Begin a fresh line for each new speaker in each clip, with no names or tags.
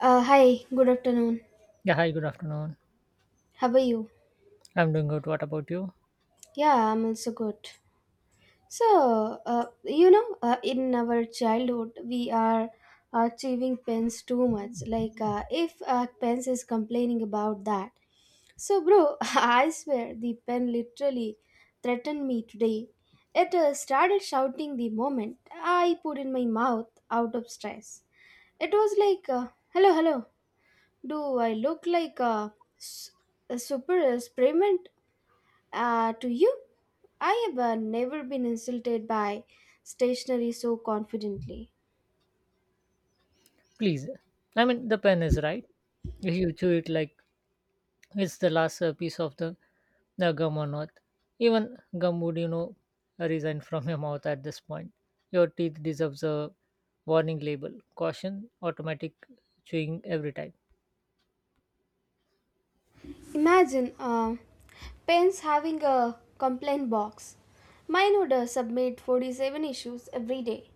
Hi, good afternoon.
Yeah, hi, good afternoon.
How are you?
I'm doing good. What about you?
Yeah, I'm also good. So, in our childhood, we are achieving pens too much. Like, if pens is complaining about that. So, bro, I swear the pen literally threatened me today. It started shouting the moment I put in my mouth out of stress. It was like, hello, hello, do I look like s- a super experiment to you? I have never been insulted by stationery so confidently.
Please. I mean, the pen is right. If you chew it like it's the last piece of the gum on earth, even gum would resign from your mouth at this point. Your teeth deserves a warning label, caution, automatic chewing every time.
Imagine pens having a complaint box. Mine would submit 47 issues every day.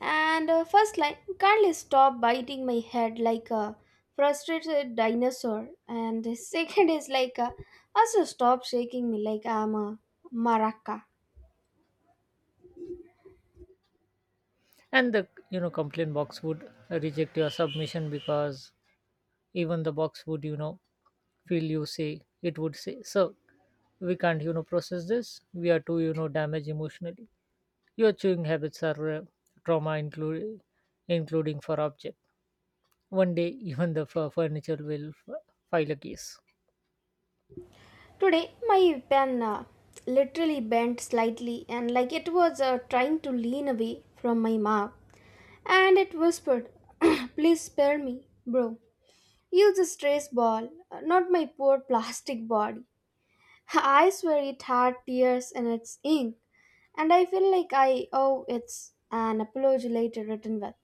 And first line, Carly stop biting my head like a frustrated dinosaur. And the second is like, also stop shaking me like I'm a maraca.
And the complaint box would reject your submission because even the box would feel you say it would say, sir, we can't process this. We are too damaged emotionally. Your chewing habits are trauma including for object. One day even the furniture will file a case.
Today, my pen literally bent slightly and like it was trying to lean away from my mouth. And it whispered, please spare me, bro. Use a stress ball, not my poor plastic body. I swear it had tears in its ink, and I feel like I owe it an apology later written with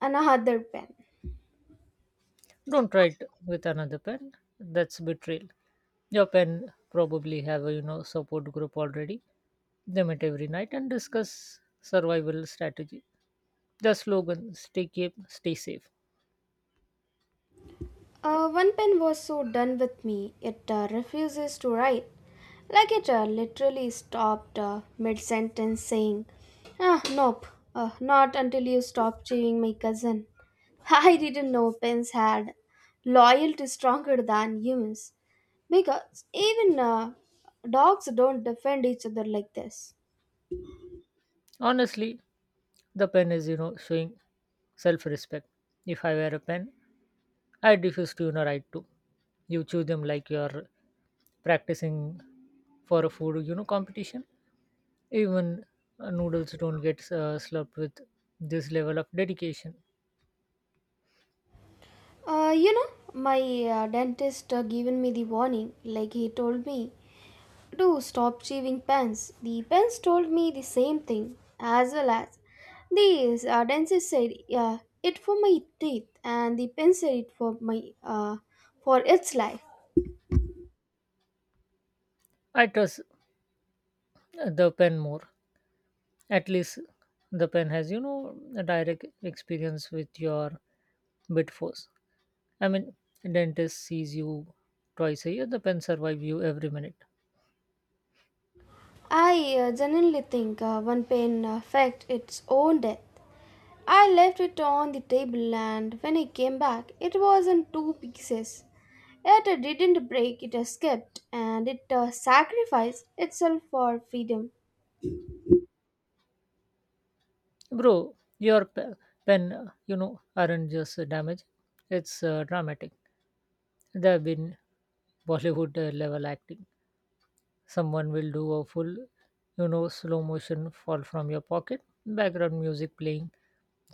another pen.
Don't try it with another pen. That's betrayal. Your pen probably have a support group already. They meet every night and discuss survival strategy. The slogan: stay, keep stay safe.
One pen was so done with me, it refuses to write. Like it literally stopped mid sentence saying, ah, nope, not until you stop chewing my cousin. I didn't know pens had loyalty stronger than humans because even dogs don't defend each other like this.
Honestly, the pen is showing self respect. If I wear a pen, I refuse to write to. You chew them like you're practicing for a food competition. Even noodles don't get slurped with this level of dedication.
Uh, you know, my dentist given me the warning. Like he told me, do stop chewing pens. The pens told me the same thing, as well as the dentist said uh, it for my teeth, and the pen said it for its life.
I trust the pen more. At least the pen has a direct experience with your bit force. I mean, dentist sees you twice a year. The pen survive you every minute,
I genuinely think one pen faked its own death. I left it on the table, and when I came back, it was in two pieces. Yet it didn't break; it escaped, and it sacrificed itself for freedom.
bro. Your pen, aren't just damaged. It's dramatic. There have been Bollywood level acting. Someone will do a full slow motion fall from your pocket. Background music playing.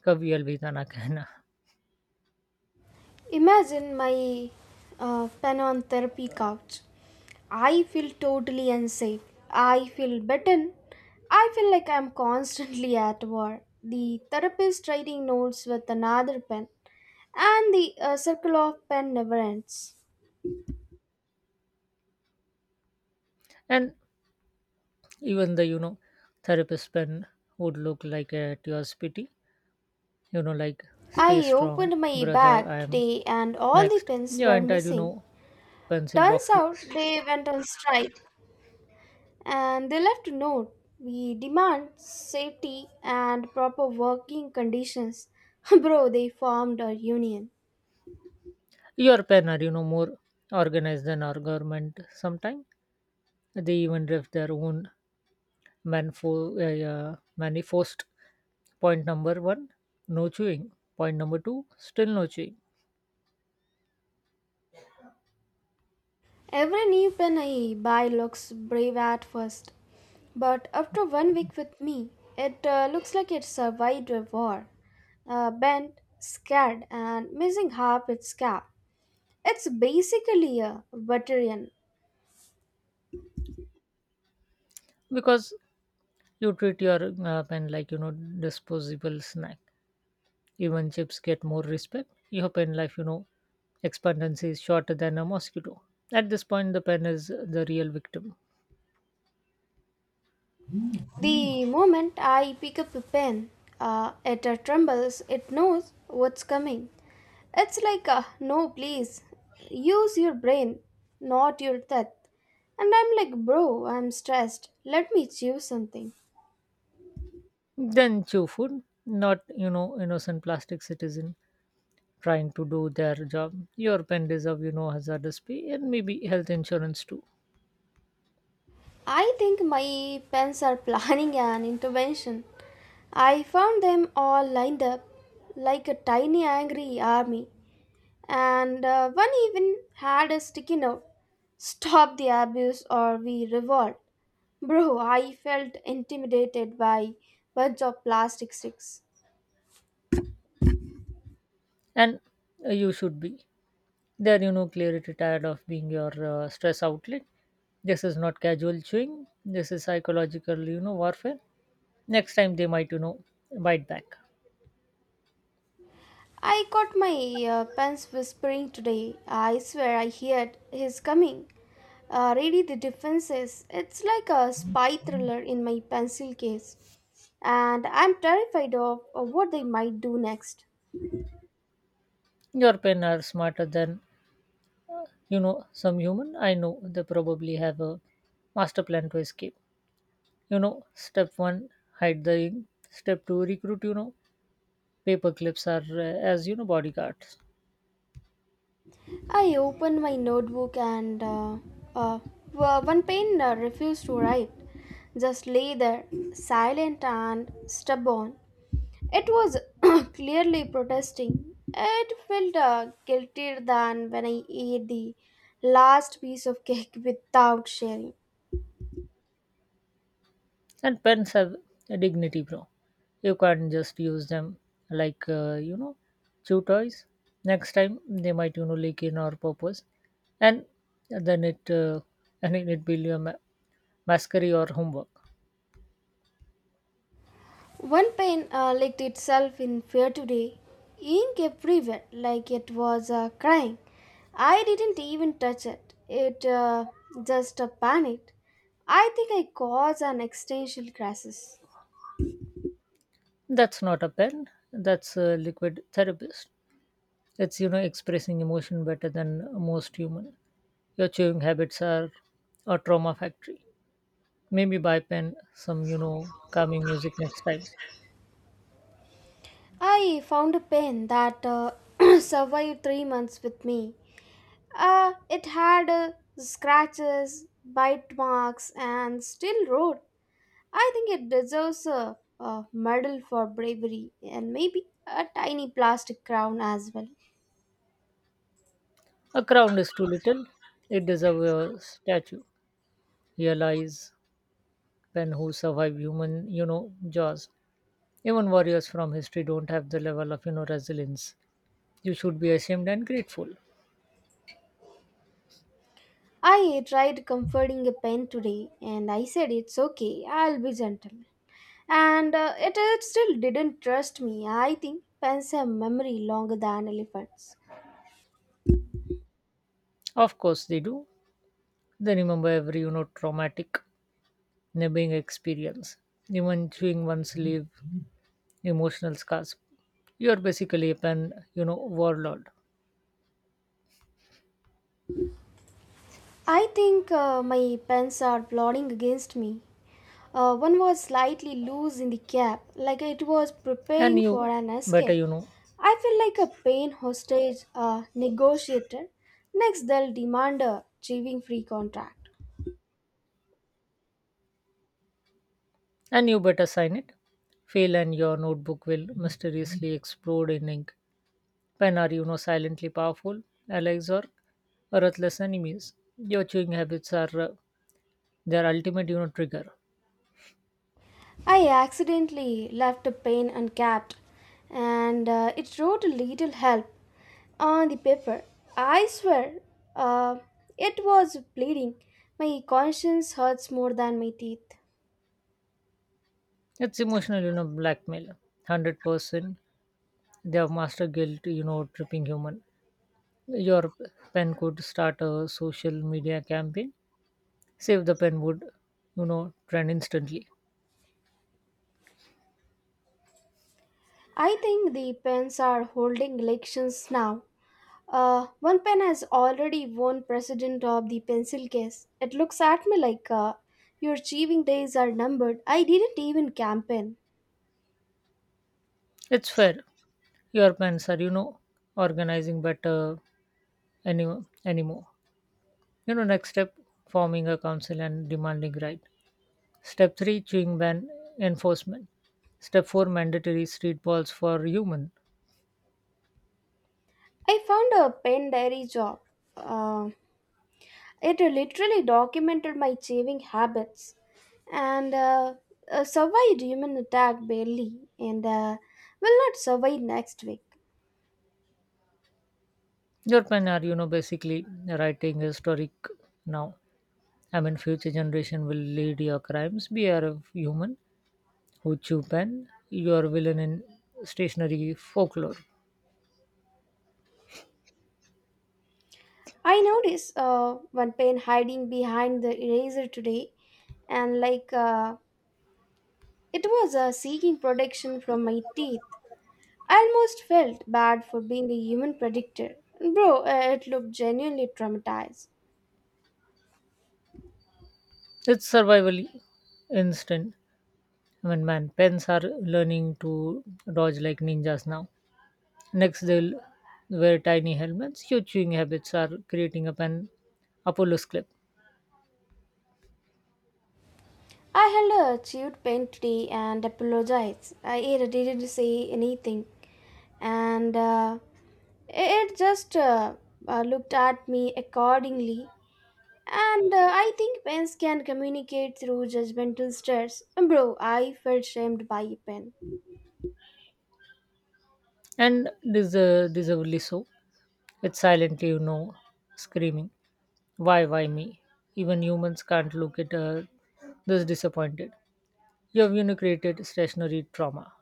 Kavi Alvidana Kehna.
Imagine my Panon therapy couch. I feel totally unsafe. I feel beaten. I feel like I'm constantly at war. The therapist writing notes with another pen, and the circle of pen never ends.
And even the therapist pen would look like at your spitty like stay
I
strong,
opened my
brother. I
bag
am
today, and all the
next.
pens
Yeah,
were
entire
missing.
pencil
Turns
boxes.
out they went on strike, and they left a note. We demand safety and proper working conditions. Bro, they formed a union.
Your pen are more organized than our government. Sometimes they even draft their own manifest. Point number one: no chewing. Point number two: still no chewing.
Every new pen I buy looks brave at first, but after one week with me, it looks like it survived a war. Bent, scared, and missing half its cap. It's basically a veteran.
Because you treat your pen like disposable snack. Even chips get more respect. Your pen life expectancy is shorter than a mosquito. At this point, the pen is the real victim.
The moment I pick up a pen, it trembles, it knows what's coming. It's like, no, please, use your brain, not your teeth. And I'm like, bro, I'm stressed. Let me choose something.
Then chew food, not innocent plastic citizen trying to do their job. Your pen deserve hazardous pay and maybe health insurance too.
I think my pens are planning an intervention. I found them all lined up like a tiny angry army. And one even had a sticky note, stop the abuse or we revolt. Bro, I felt intimidated by bunch of plastic sticks.
And you should be. They're clearly tired of being your stress outlet. This is not casual chewing. This is psychological warfare. Next time they might bite back.
I caught my pants whispering today. I swear I heard his coming, ready the defenses. It's like a spy thriller in my pencil case, and I'm terrified of what they might do next.
Your pen are smarter than some human. I know they probably have a master plan to escape. You know, step one, hide the ink. Step two, recruit. You know, paper clips are as bodyguards,
I opened my notebook and uh, one pen refused to write, just lay there, silent and stubborn. It was clearly protesting. It felt guiltier than when I ate the last piece of cake without sharing.
and pens have a dignity, bro. You can't just use them like chew toys. Next time they might leak in our purpose, and then it will be a masquerade or homework.
One pen licked itself in fear today, ink everywhere, like it was crying. I didn't even touch it, it just panicked. I think I caused an existential crisis.
That's not a pen. That's a liquid therapist. It's expressing emotion better than most human. Your chewing habits are a trauma factory. Maybe buy pen some calming music next time.
I found a pen that survived 3 months with me. It had scratches, bite marks, and still wrote. I think it deserves a medal for bravery and maybe a tiny plastic crown as well.
A crown is too little. It deserves a statue. Here lies pen who survived human jaws. Even warriors from history don't have the level of resilience. You should be ashamed and grateful.
I tried comforting a pen today and I said it's okay, I'll be gentle. And it still didn't trust me. I think pens have memory longer than elephants.
Of course they do. They remember every traumatic nabbing experience, even chewing one's leave, emotional scars. You're basically a pen warlord.
I think my pens are plotting against me. One was slightly loose in the cap, like it was
And
preparing for
you
an
better,
escape.
you know,
I feel like a pain hostage negotiator. Next, they'll demand a chewing free contract.
and you better sign it. Fail and your notebook will mysteriously explode in ink. Pen are silently powerful, allies or ruthless enemies. Your chewing habits are their ultimate trigger.
I accidentally left a pain uncapped, and it wrote a little help on the paper. I swear, uh, it was bleeding. My conscience hurts more than my teeth.
It's emotional blackmail. 100%. They have master guilt tripping human. Your pen could start a social media campaign. Save the pen would trend instantly.
I think the pens are holding elections now. One pen has already won president of the pencil case. It looks at me like your achieving days are numbered. I didn't even campaign.
It's fair. Your pens are organizing better. any Anymore next step: forming a council and demanding right. Step 3 chewing ban enforcement. Step 4 mandatory street balls for human.
I found a pen diary job. Uh, it literally documented my achieving habits and survived human attack barely and will not survive next week.
Your pen are basically writing historic now. I mean, future generation will lead your crimes. Be aware of human. Ho Chu Pen, your villain in stationary folklore.
I noticed one pen hiding behind the eraser today, and like it was seeking protection from my teeth. I almost felt bad for being a human predictor. Bro, it looked genuinely traumatized.
It's survival instinct. I mean, man, pens are learning to dodge like ninjas now. Next, they'll wear tiny helmets. Your chewing habits are creating a pen Apollo's clip,
I held a chewed pen today and apologized. I it didn't say anything, and it just looked at me accordingly. And I think pens can communicate through judgmental stares. Bro, I felt shamed by a pen.
and this deservedly so. It's silently screaming, why me?" Even humans can't look at this disappointed. You have created stationary trauma.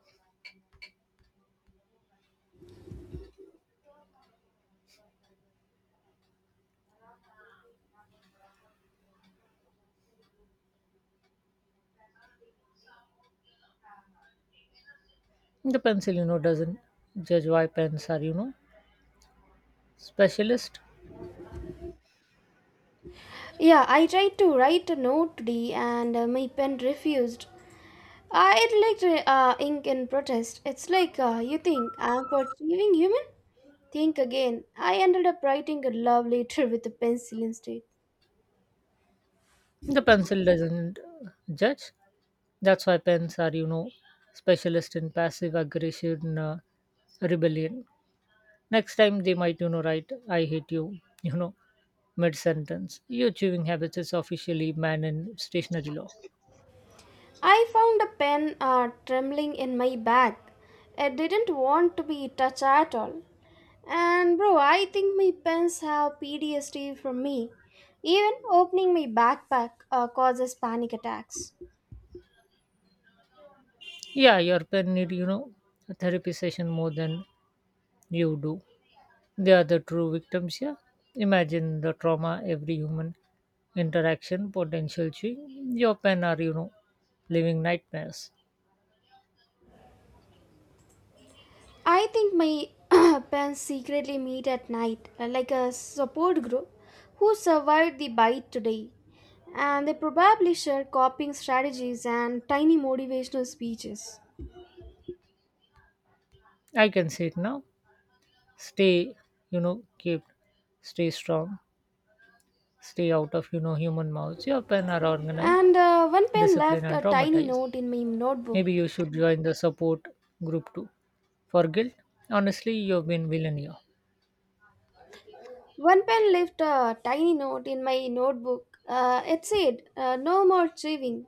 The pencil doesn't judge why pens are specialist.
Yeah, I tried to write a note today and my pen refused. It liked ink in protest. It's like you think I'm perceiving human? Think again. I ended up writing a love letter with a pencil instead.
The pencil doesn't judge. That's why pens are specialist in passive aggression, rebellion. Next time they might write, I hate you mid sentence. Your chewing habits is officially banned in stationary law.
I found a pen trembling in my bag. I didn't want to be touched at all. And bro, I think my pens have PTSD from me. Even opening my backpack causes panic attacks.
Yeah, your pen need a therapy session more than you do. They are the true victims here. Imagine the trauma every human interaction potential chewing. Your pen are living nightmares.
I think my pens secretly meet at night, like a support group who survived the bite today. And they probably share coping strategies and tiny motivational speeches.
I can say it now. Stay kept. Stay strong. Stay out of human mouths. Your pen are organized,
And one pen
disciplined,
left
and
a tiny
traumatized.
note in my notebook.
Maybe you should join the support group too. For guilt, honestly, you've been villain here.
One pen left a tiny note in my notebook. It said, no more thieving.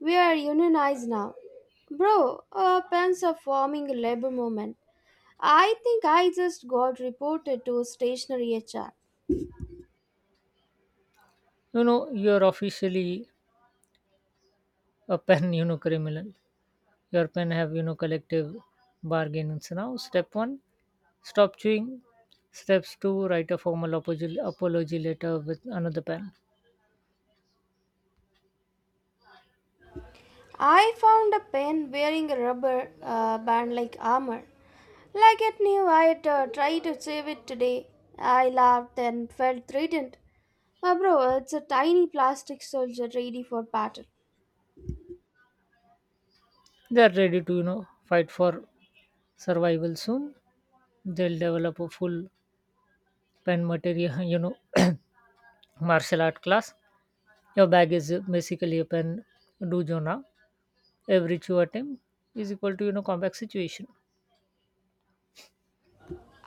We are unionized now. Bro, pens are forming a labor movement. I think I just got reported to stationary HR.
You're officially a pen, criminal. Your pen have collective bargains now. Step one, stop chewing. Steps two, write a formal apology letter with another pen.
I found a pen wearing a rubber band like armor. Like it knew I'd try to save it today. I laughed and felt threatened. Bro, it's a tiny plastic soldier ready for battle.
They are ready to fight for survival soon. They'll develop a full pen material martial art class. Your bag is basically a pen dojo now. Every chew attempt is equal to combat situation.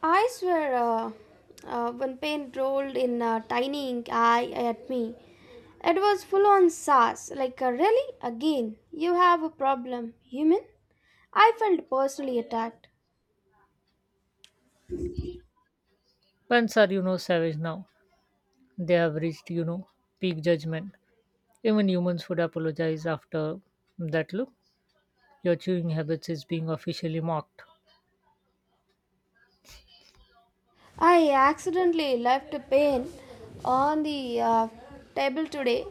I swear, when paint rolled in a tiny ink eye at me, it was full on sass. Like, really? Again, you have a problem, human? I felt personally attacked.
Pens are savage now. They have reached peak judgment. Even humans would apologize after that look. Your chewing habits is being officially mocked,
I accidentally left a pen on the table today.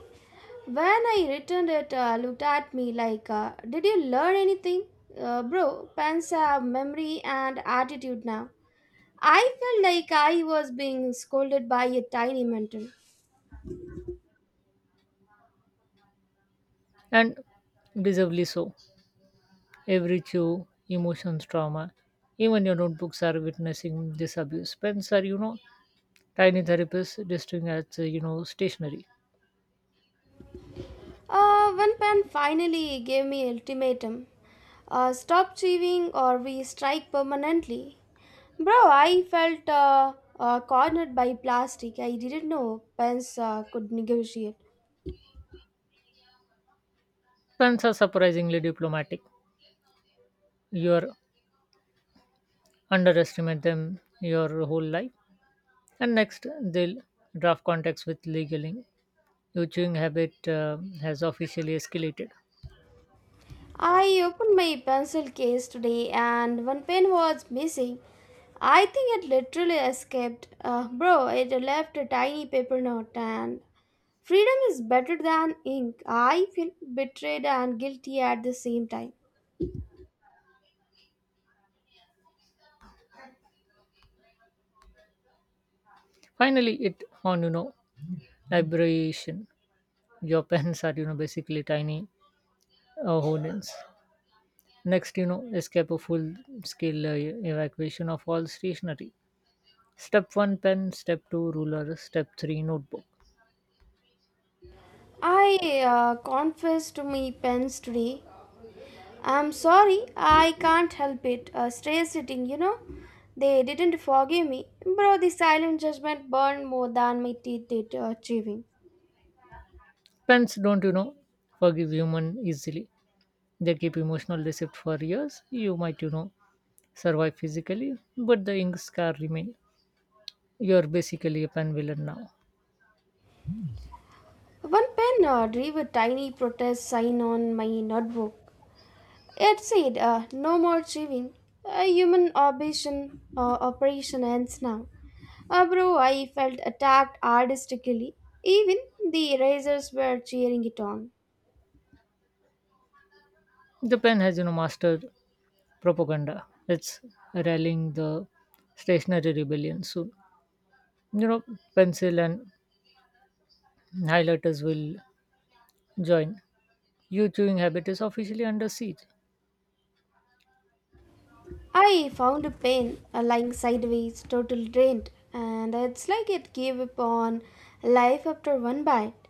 When I returned it, looked at me like, "Did you learn anything, bro?" Pens have memory and attitude now. I felt like I was being scolded by a tiny mentor.
and deservedly so. Every chew, emotions, trauma. Even your notebooks are witnessing this abuse. Pens are tiny therapists distinct as, stationary.
When Pan finally gave me ultimatum, stop thieving or we strike permanently. Bro, I felt cornered by plastic. I didn't know pens could negotiate.
Pens are surprisingly diplomatic. You underestimate them your whole life, and next they'll draft contracts with legaling. Your chewing habit has officially escalated.
I opened my pencil case today and one pen was missing. I think it literally escaped. Bro, it left a tiny paper note and freedom is better than ink. I feel betrayed and guilty at the same time.
Finally, it on liberation. Your pens are basically tiny holdings. Next escape a full-scale evacuation of all stationery. Step one, pen. Step two, ruler. Step three, notebook.
I confess to me pens today. I'm sorry, I can't help it. Stray sitting. They didn't forgive me. Bro, the silent judgment burned more than my teeth did chewing.
Pens don't forgive human easily. They keep emotional receipt for years. You might survive physically, but the ink scar remain. You're basically a pen villain now.
One pen drew a tiny protest sign on my notebook. It said, no more chewing. A human operation ends now. Bro, I felt attacked artistically. Even the erasers were cheering it on.
The pen has mastered propaganda. It's rallying the stationary rebellion soon. you know pencil and highlighters will join. Your chewing habit is officially under siege.
I found a pen lying sideways, totally drained, and it's like it gave up on life after one bite.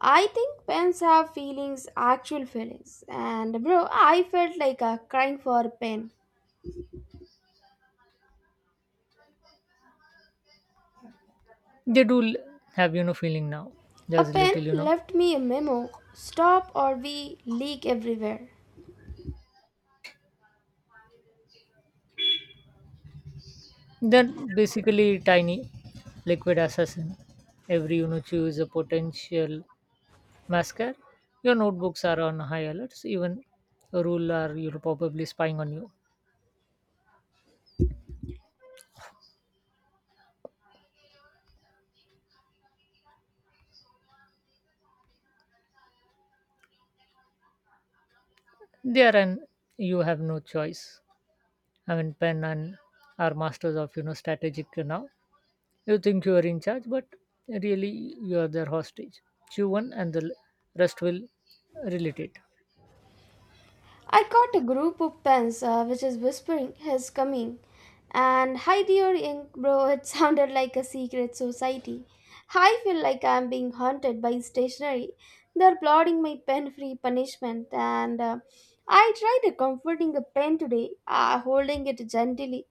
I think pens have feelings, actual feelings, and bro, I felt like crying for a pen.
They do have feeling now.
A
There's
pen
little
left me a memo stop or we leak everywhere.
they're basically tiny liquid assassin. Every chew is a potential mascara. Your notebooks are on high alerts. Even a rule are, you know, probably spying on you. They are and you have no choice. I mean, Penn and are masters of strategic now. You think you are in charge, but really you are their hostage. You one and the rest will relate it.
I caught a group of pens which is whispering his coming. And hi, dear ink, bro, it sounded like a secret society. I feel like I'm being haunted by stationery. They're plotting my pen free punishment. And I tried a comforting a pen today, holding it gently.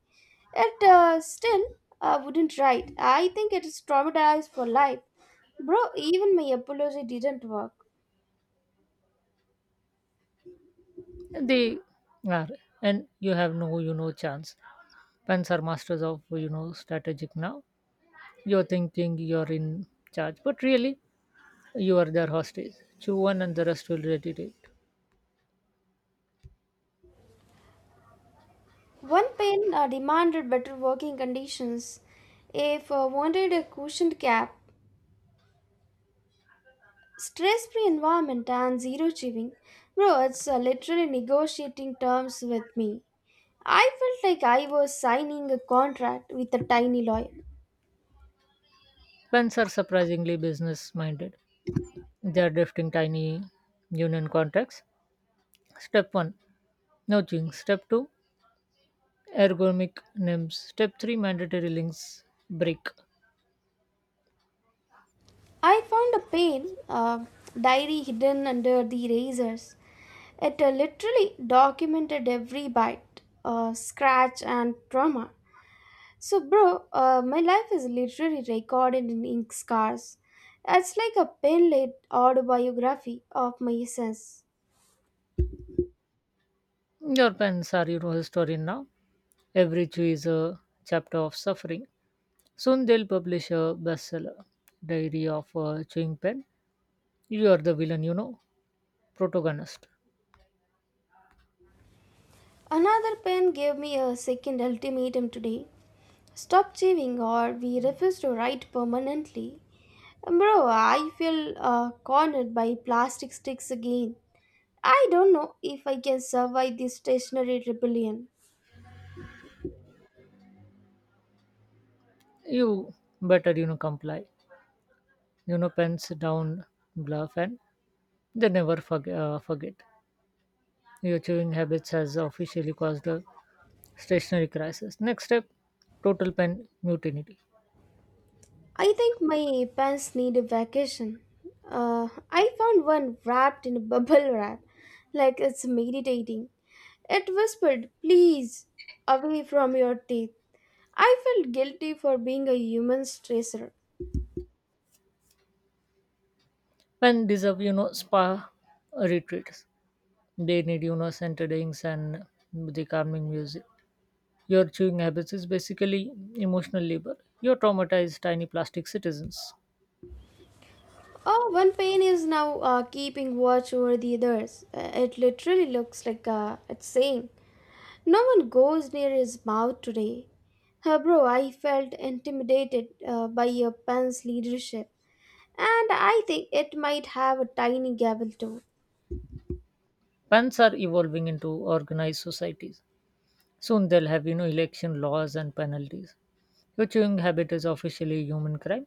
It still wouldn't write. I think it is traumatized for life. Bro, even my apology didn't work.
They are, and you have no chance. Pens are masters of strategic now. You're thinking you're in charge, but really you are their hostage. You one and the rest will relate.
One pen demanded better working conditions, a wanted a cushioned cap, stress-free environment, and zero chewing. Bro, it's literally negotiating terms with me. I felt like I was signing a contract with a tiny lawyer.
Pens are surprisingly business minded. They are drafting tiny union contracts. Step one nudging. Step 2 ergonomic names. Step 3 mandatory links break.
I found a pen, diary hidden under the razors. It literally documented every bite, scratch, and trauma. So, bro, my life is literally recorded in ink scars. It's like a pen led autobiography of my essence.
Your parents are historian now. Every Jew is a chapter of suffering. Soon they'll publish a bestseller, Diary of a Chewing Pen. You are the villain protagonist.
Another pen gave me a second ultimatum today, stop chewing, or we refuse to write permanently. Bro, I feel cornered by plastic sticks again. I don't know if I can survive this stationary rebellion.
You better comply. Pens down, bluff, and they never forget. Your chewing habits has officially caused a stationary crisis. Next step, total pen mutiny.
I think my pants need a vacation. I found one wrapped in a bubble wrap, like it's meditating. It whispered, please, away from your teeth. I felt guilty for being a human stressor.
Pen deserve spa retreats. They need centered inks and the calming music. Your chewing habits is basically emotional labor. You traumatized tiny plastic citizens.
Oh, one pain is now keeping watch over the others. It literally looks like it's saying, no one goes near his mouth today. Bro, I felt intimidated by your pen's leadership. And I think it might have a tiny gavel too.
Pens are evolving into organized societies. Soon they'll have election laws and penalties. Your chewing habit is officially a human crime.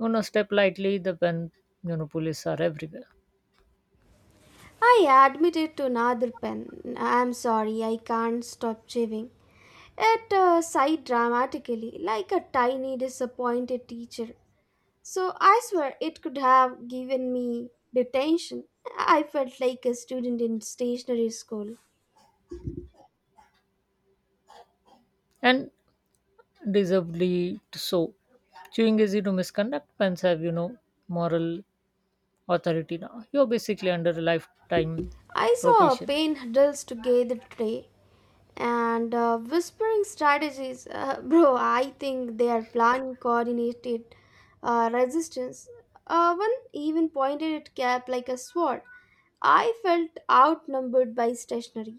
You know, step lightly. The pen police are everywhere.
I admitted to another pen. I'm sorry, I can't stop chewing. It sighed dramatically, like a tiny disappointed teacher. So I swear it could have given me detention. I felt like a student in stationary school.
And deservedly so. Chewing is to misconduct pens have moral authority now. You're basically under a lifetime
I saw a
probation.
paint drills together today and whispering strategies. Bro, I think they are planning coordinated resistance. One even pointed at Cap like a sword. I felt outnumbered by stationery.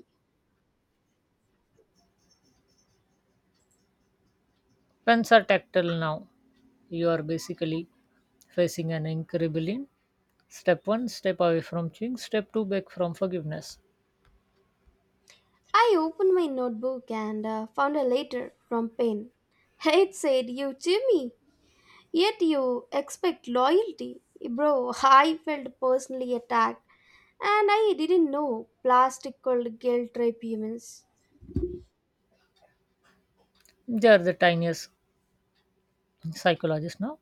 Pens are tactile now. You are basically facing an ink rebellion. Step one, step away from chewing. Step two, back from forgiveness.
I opened my notebook and found a letter from Payne. It said, You Jimmy. Yet you expect loyalty. Bro, I felt personally attacked and I didn't know plastic called guilt trip humans.
They are the tiniest psychologists now.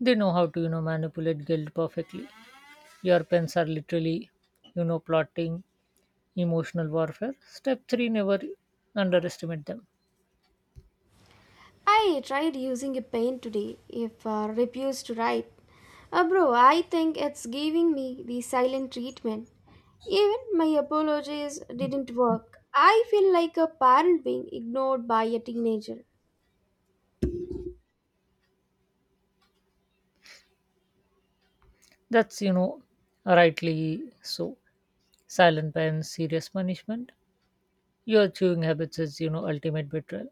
They know how to manipulate guilt perfectly. Your pens are literally plotting emotional warfare. Step three, never underestimate them.
I tried using a pen today if refused to write. Bro, I think it's giving me the silent treatment. Even my apologies didn't work. I feel like a parent being ignored by a teenager.
That's rightly so. Silent ban, serious punishment. Your chewing habits is ultimate betrayal.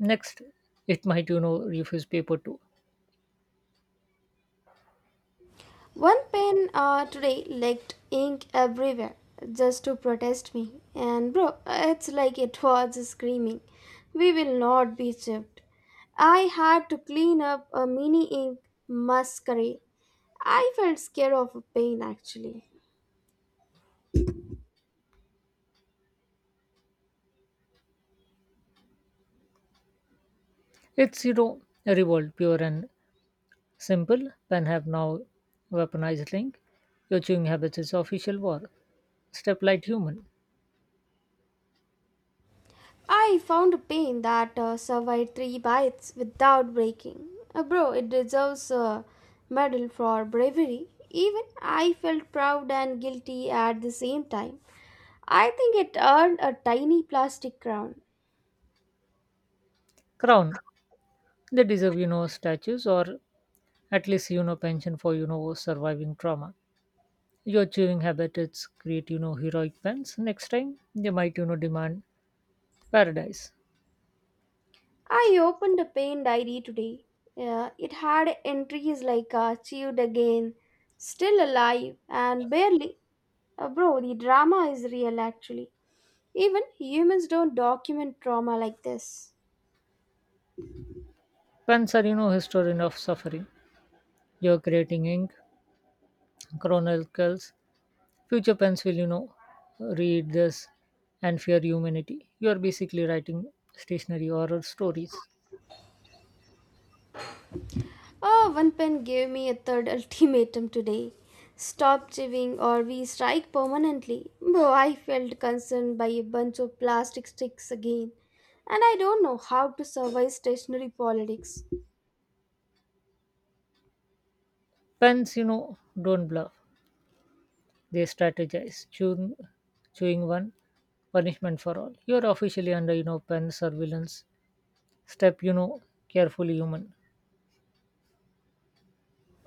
Next, it might refuse paper too.
One pen today leaked ink everywhere just to protest me. And bro, it's like it was screaming, we will not be chipped. I had to clean up a mini ink masquerade. I felt scared of pain actually.
It's a revolt, pure and simple. Pen have now weaponized link. Your chewing habits is official war. Step light human.
I found a pain that survived three bites without breaking. Bro, it deserves a medal for bravery. Even I felt proud and guilty at the same time. I think it earned a tiny plastic crown.
Crown. They deserve statues or at least pension for surviving trauma. Your chewing habit it's create heroic pens. Next time they might demand paradise.
I opened a pain diary today. Yeah, it had entries like achieved again, still alive, and barely. Bro, the drama is real actually. Even humans don't document trauma like this.
Pens are historian of suffering. You're creating ink chronicles. Future pens will read this and fear humanity. You're basically writing stationary horror stories.
Oh, one pen gave me a third ultimatum today. Stop chewing or we strike permanently. Though I felt concerned by a bunch of plastic sticks again. And I don't know how to survive stationary politics.
Pens don't bluff. They strategize. Chewing one punishment for all. You're officially under pen surveillance. Step carefully, human.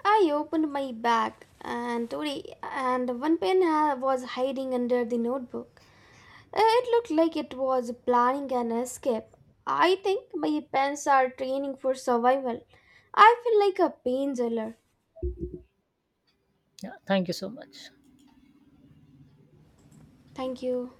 I opened my bag and today and one pen was hiding under the notebook. It looked like it was planning an escape. I think my pens are training for survival. I feel like a pain jailer.
Yeah. Thank you so much.
Thank you.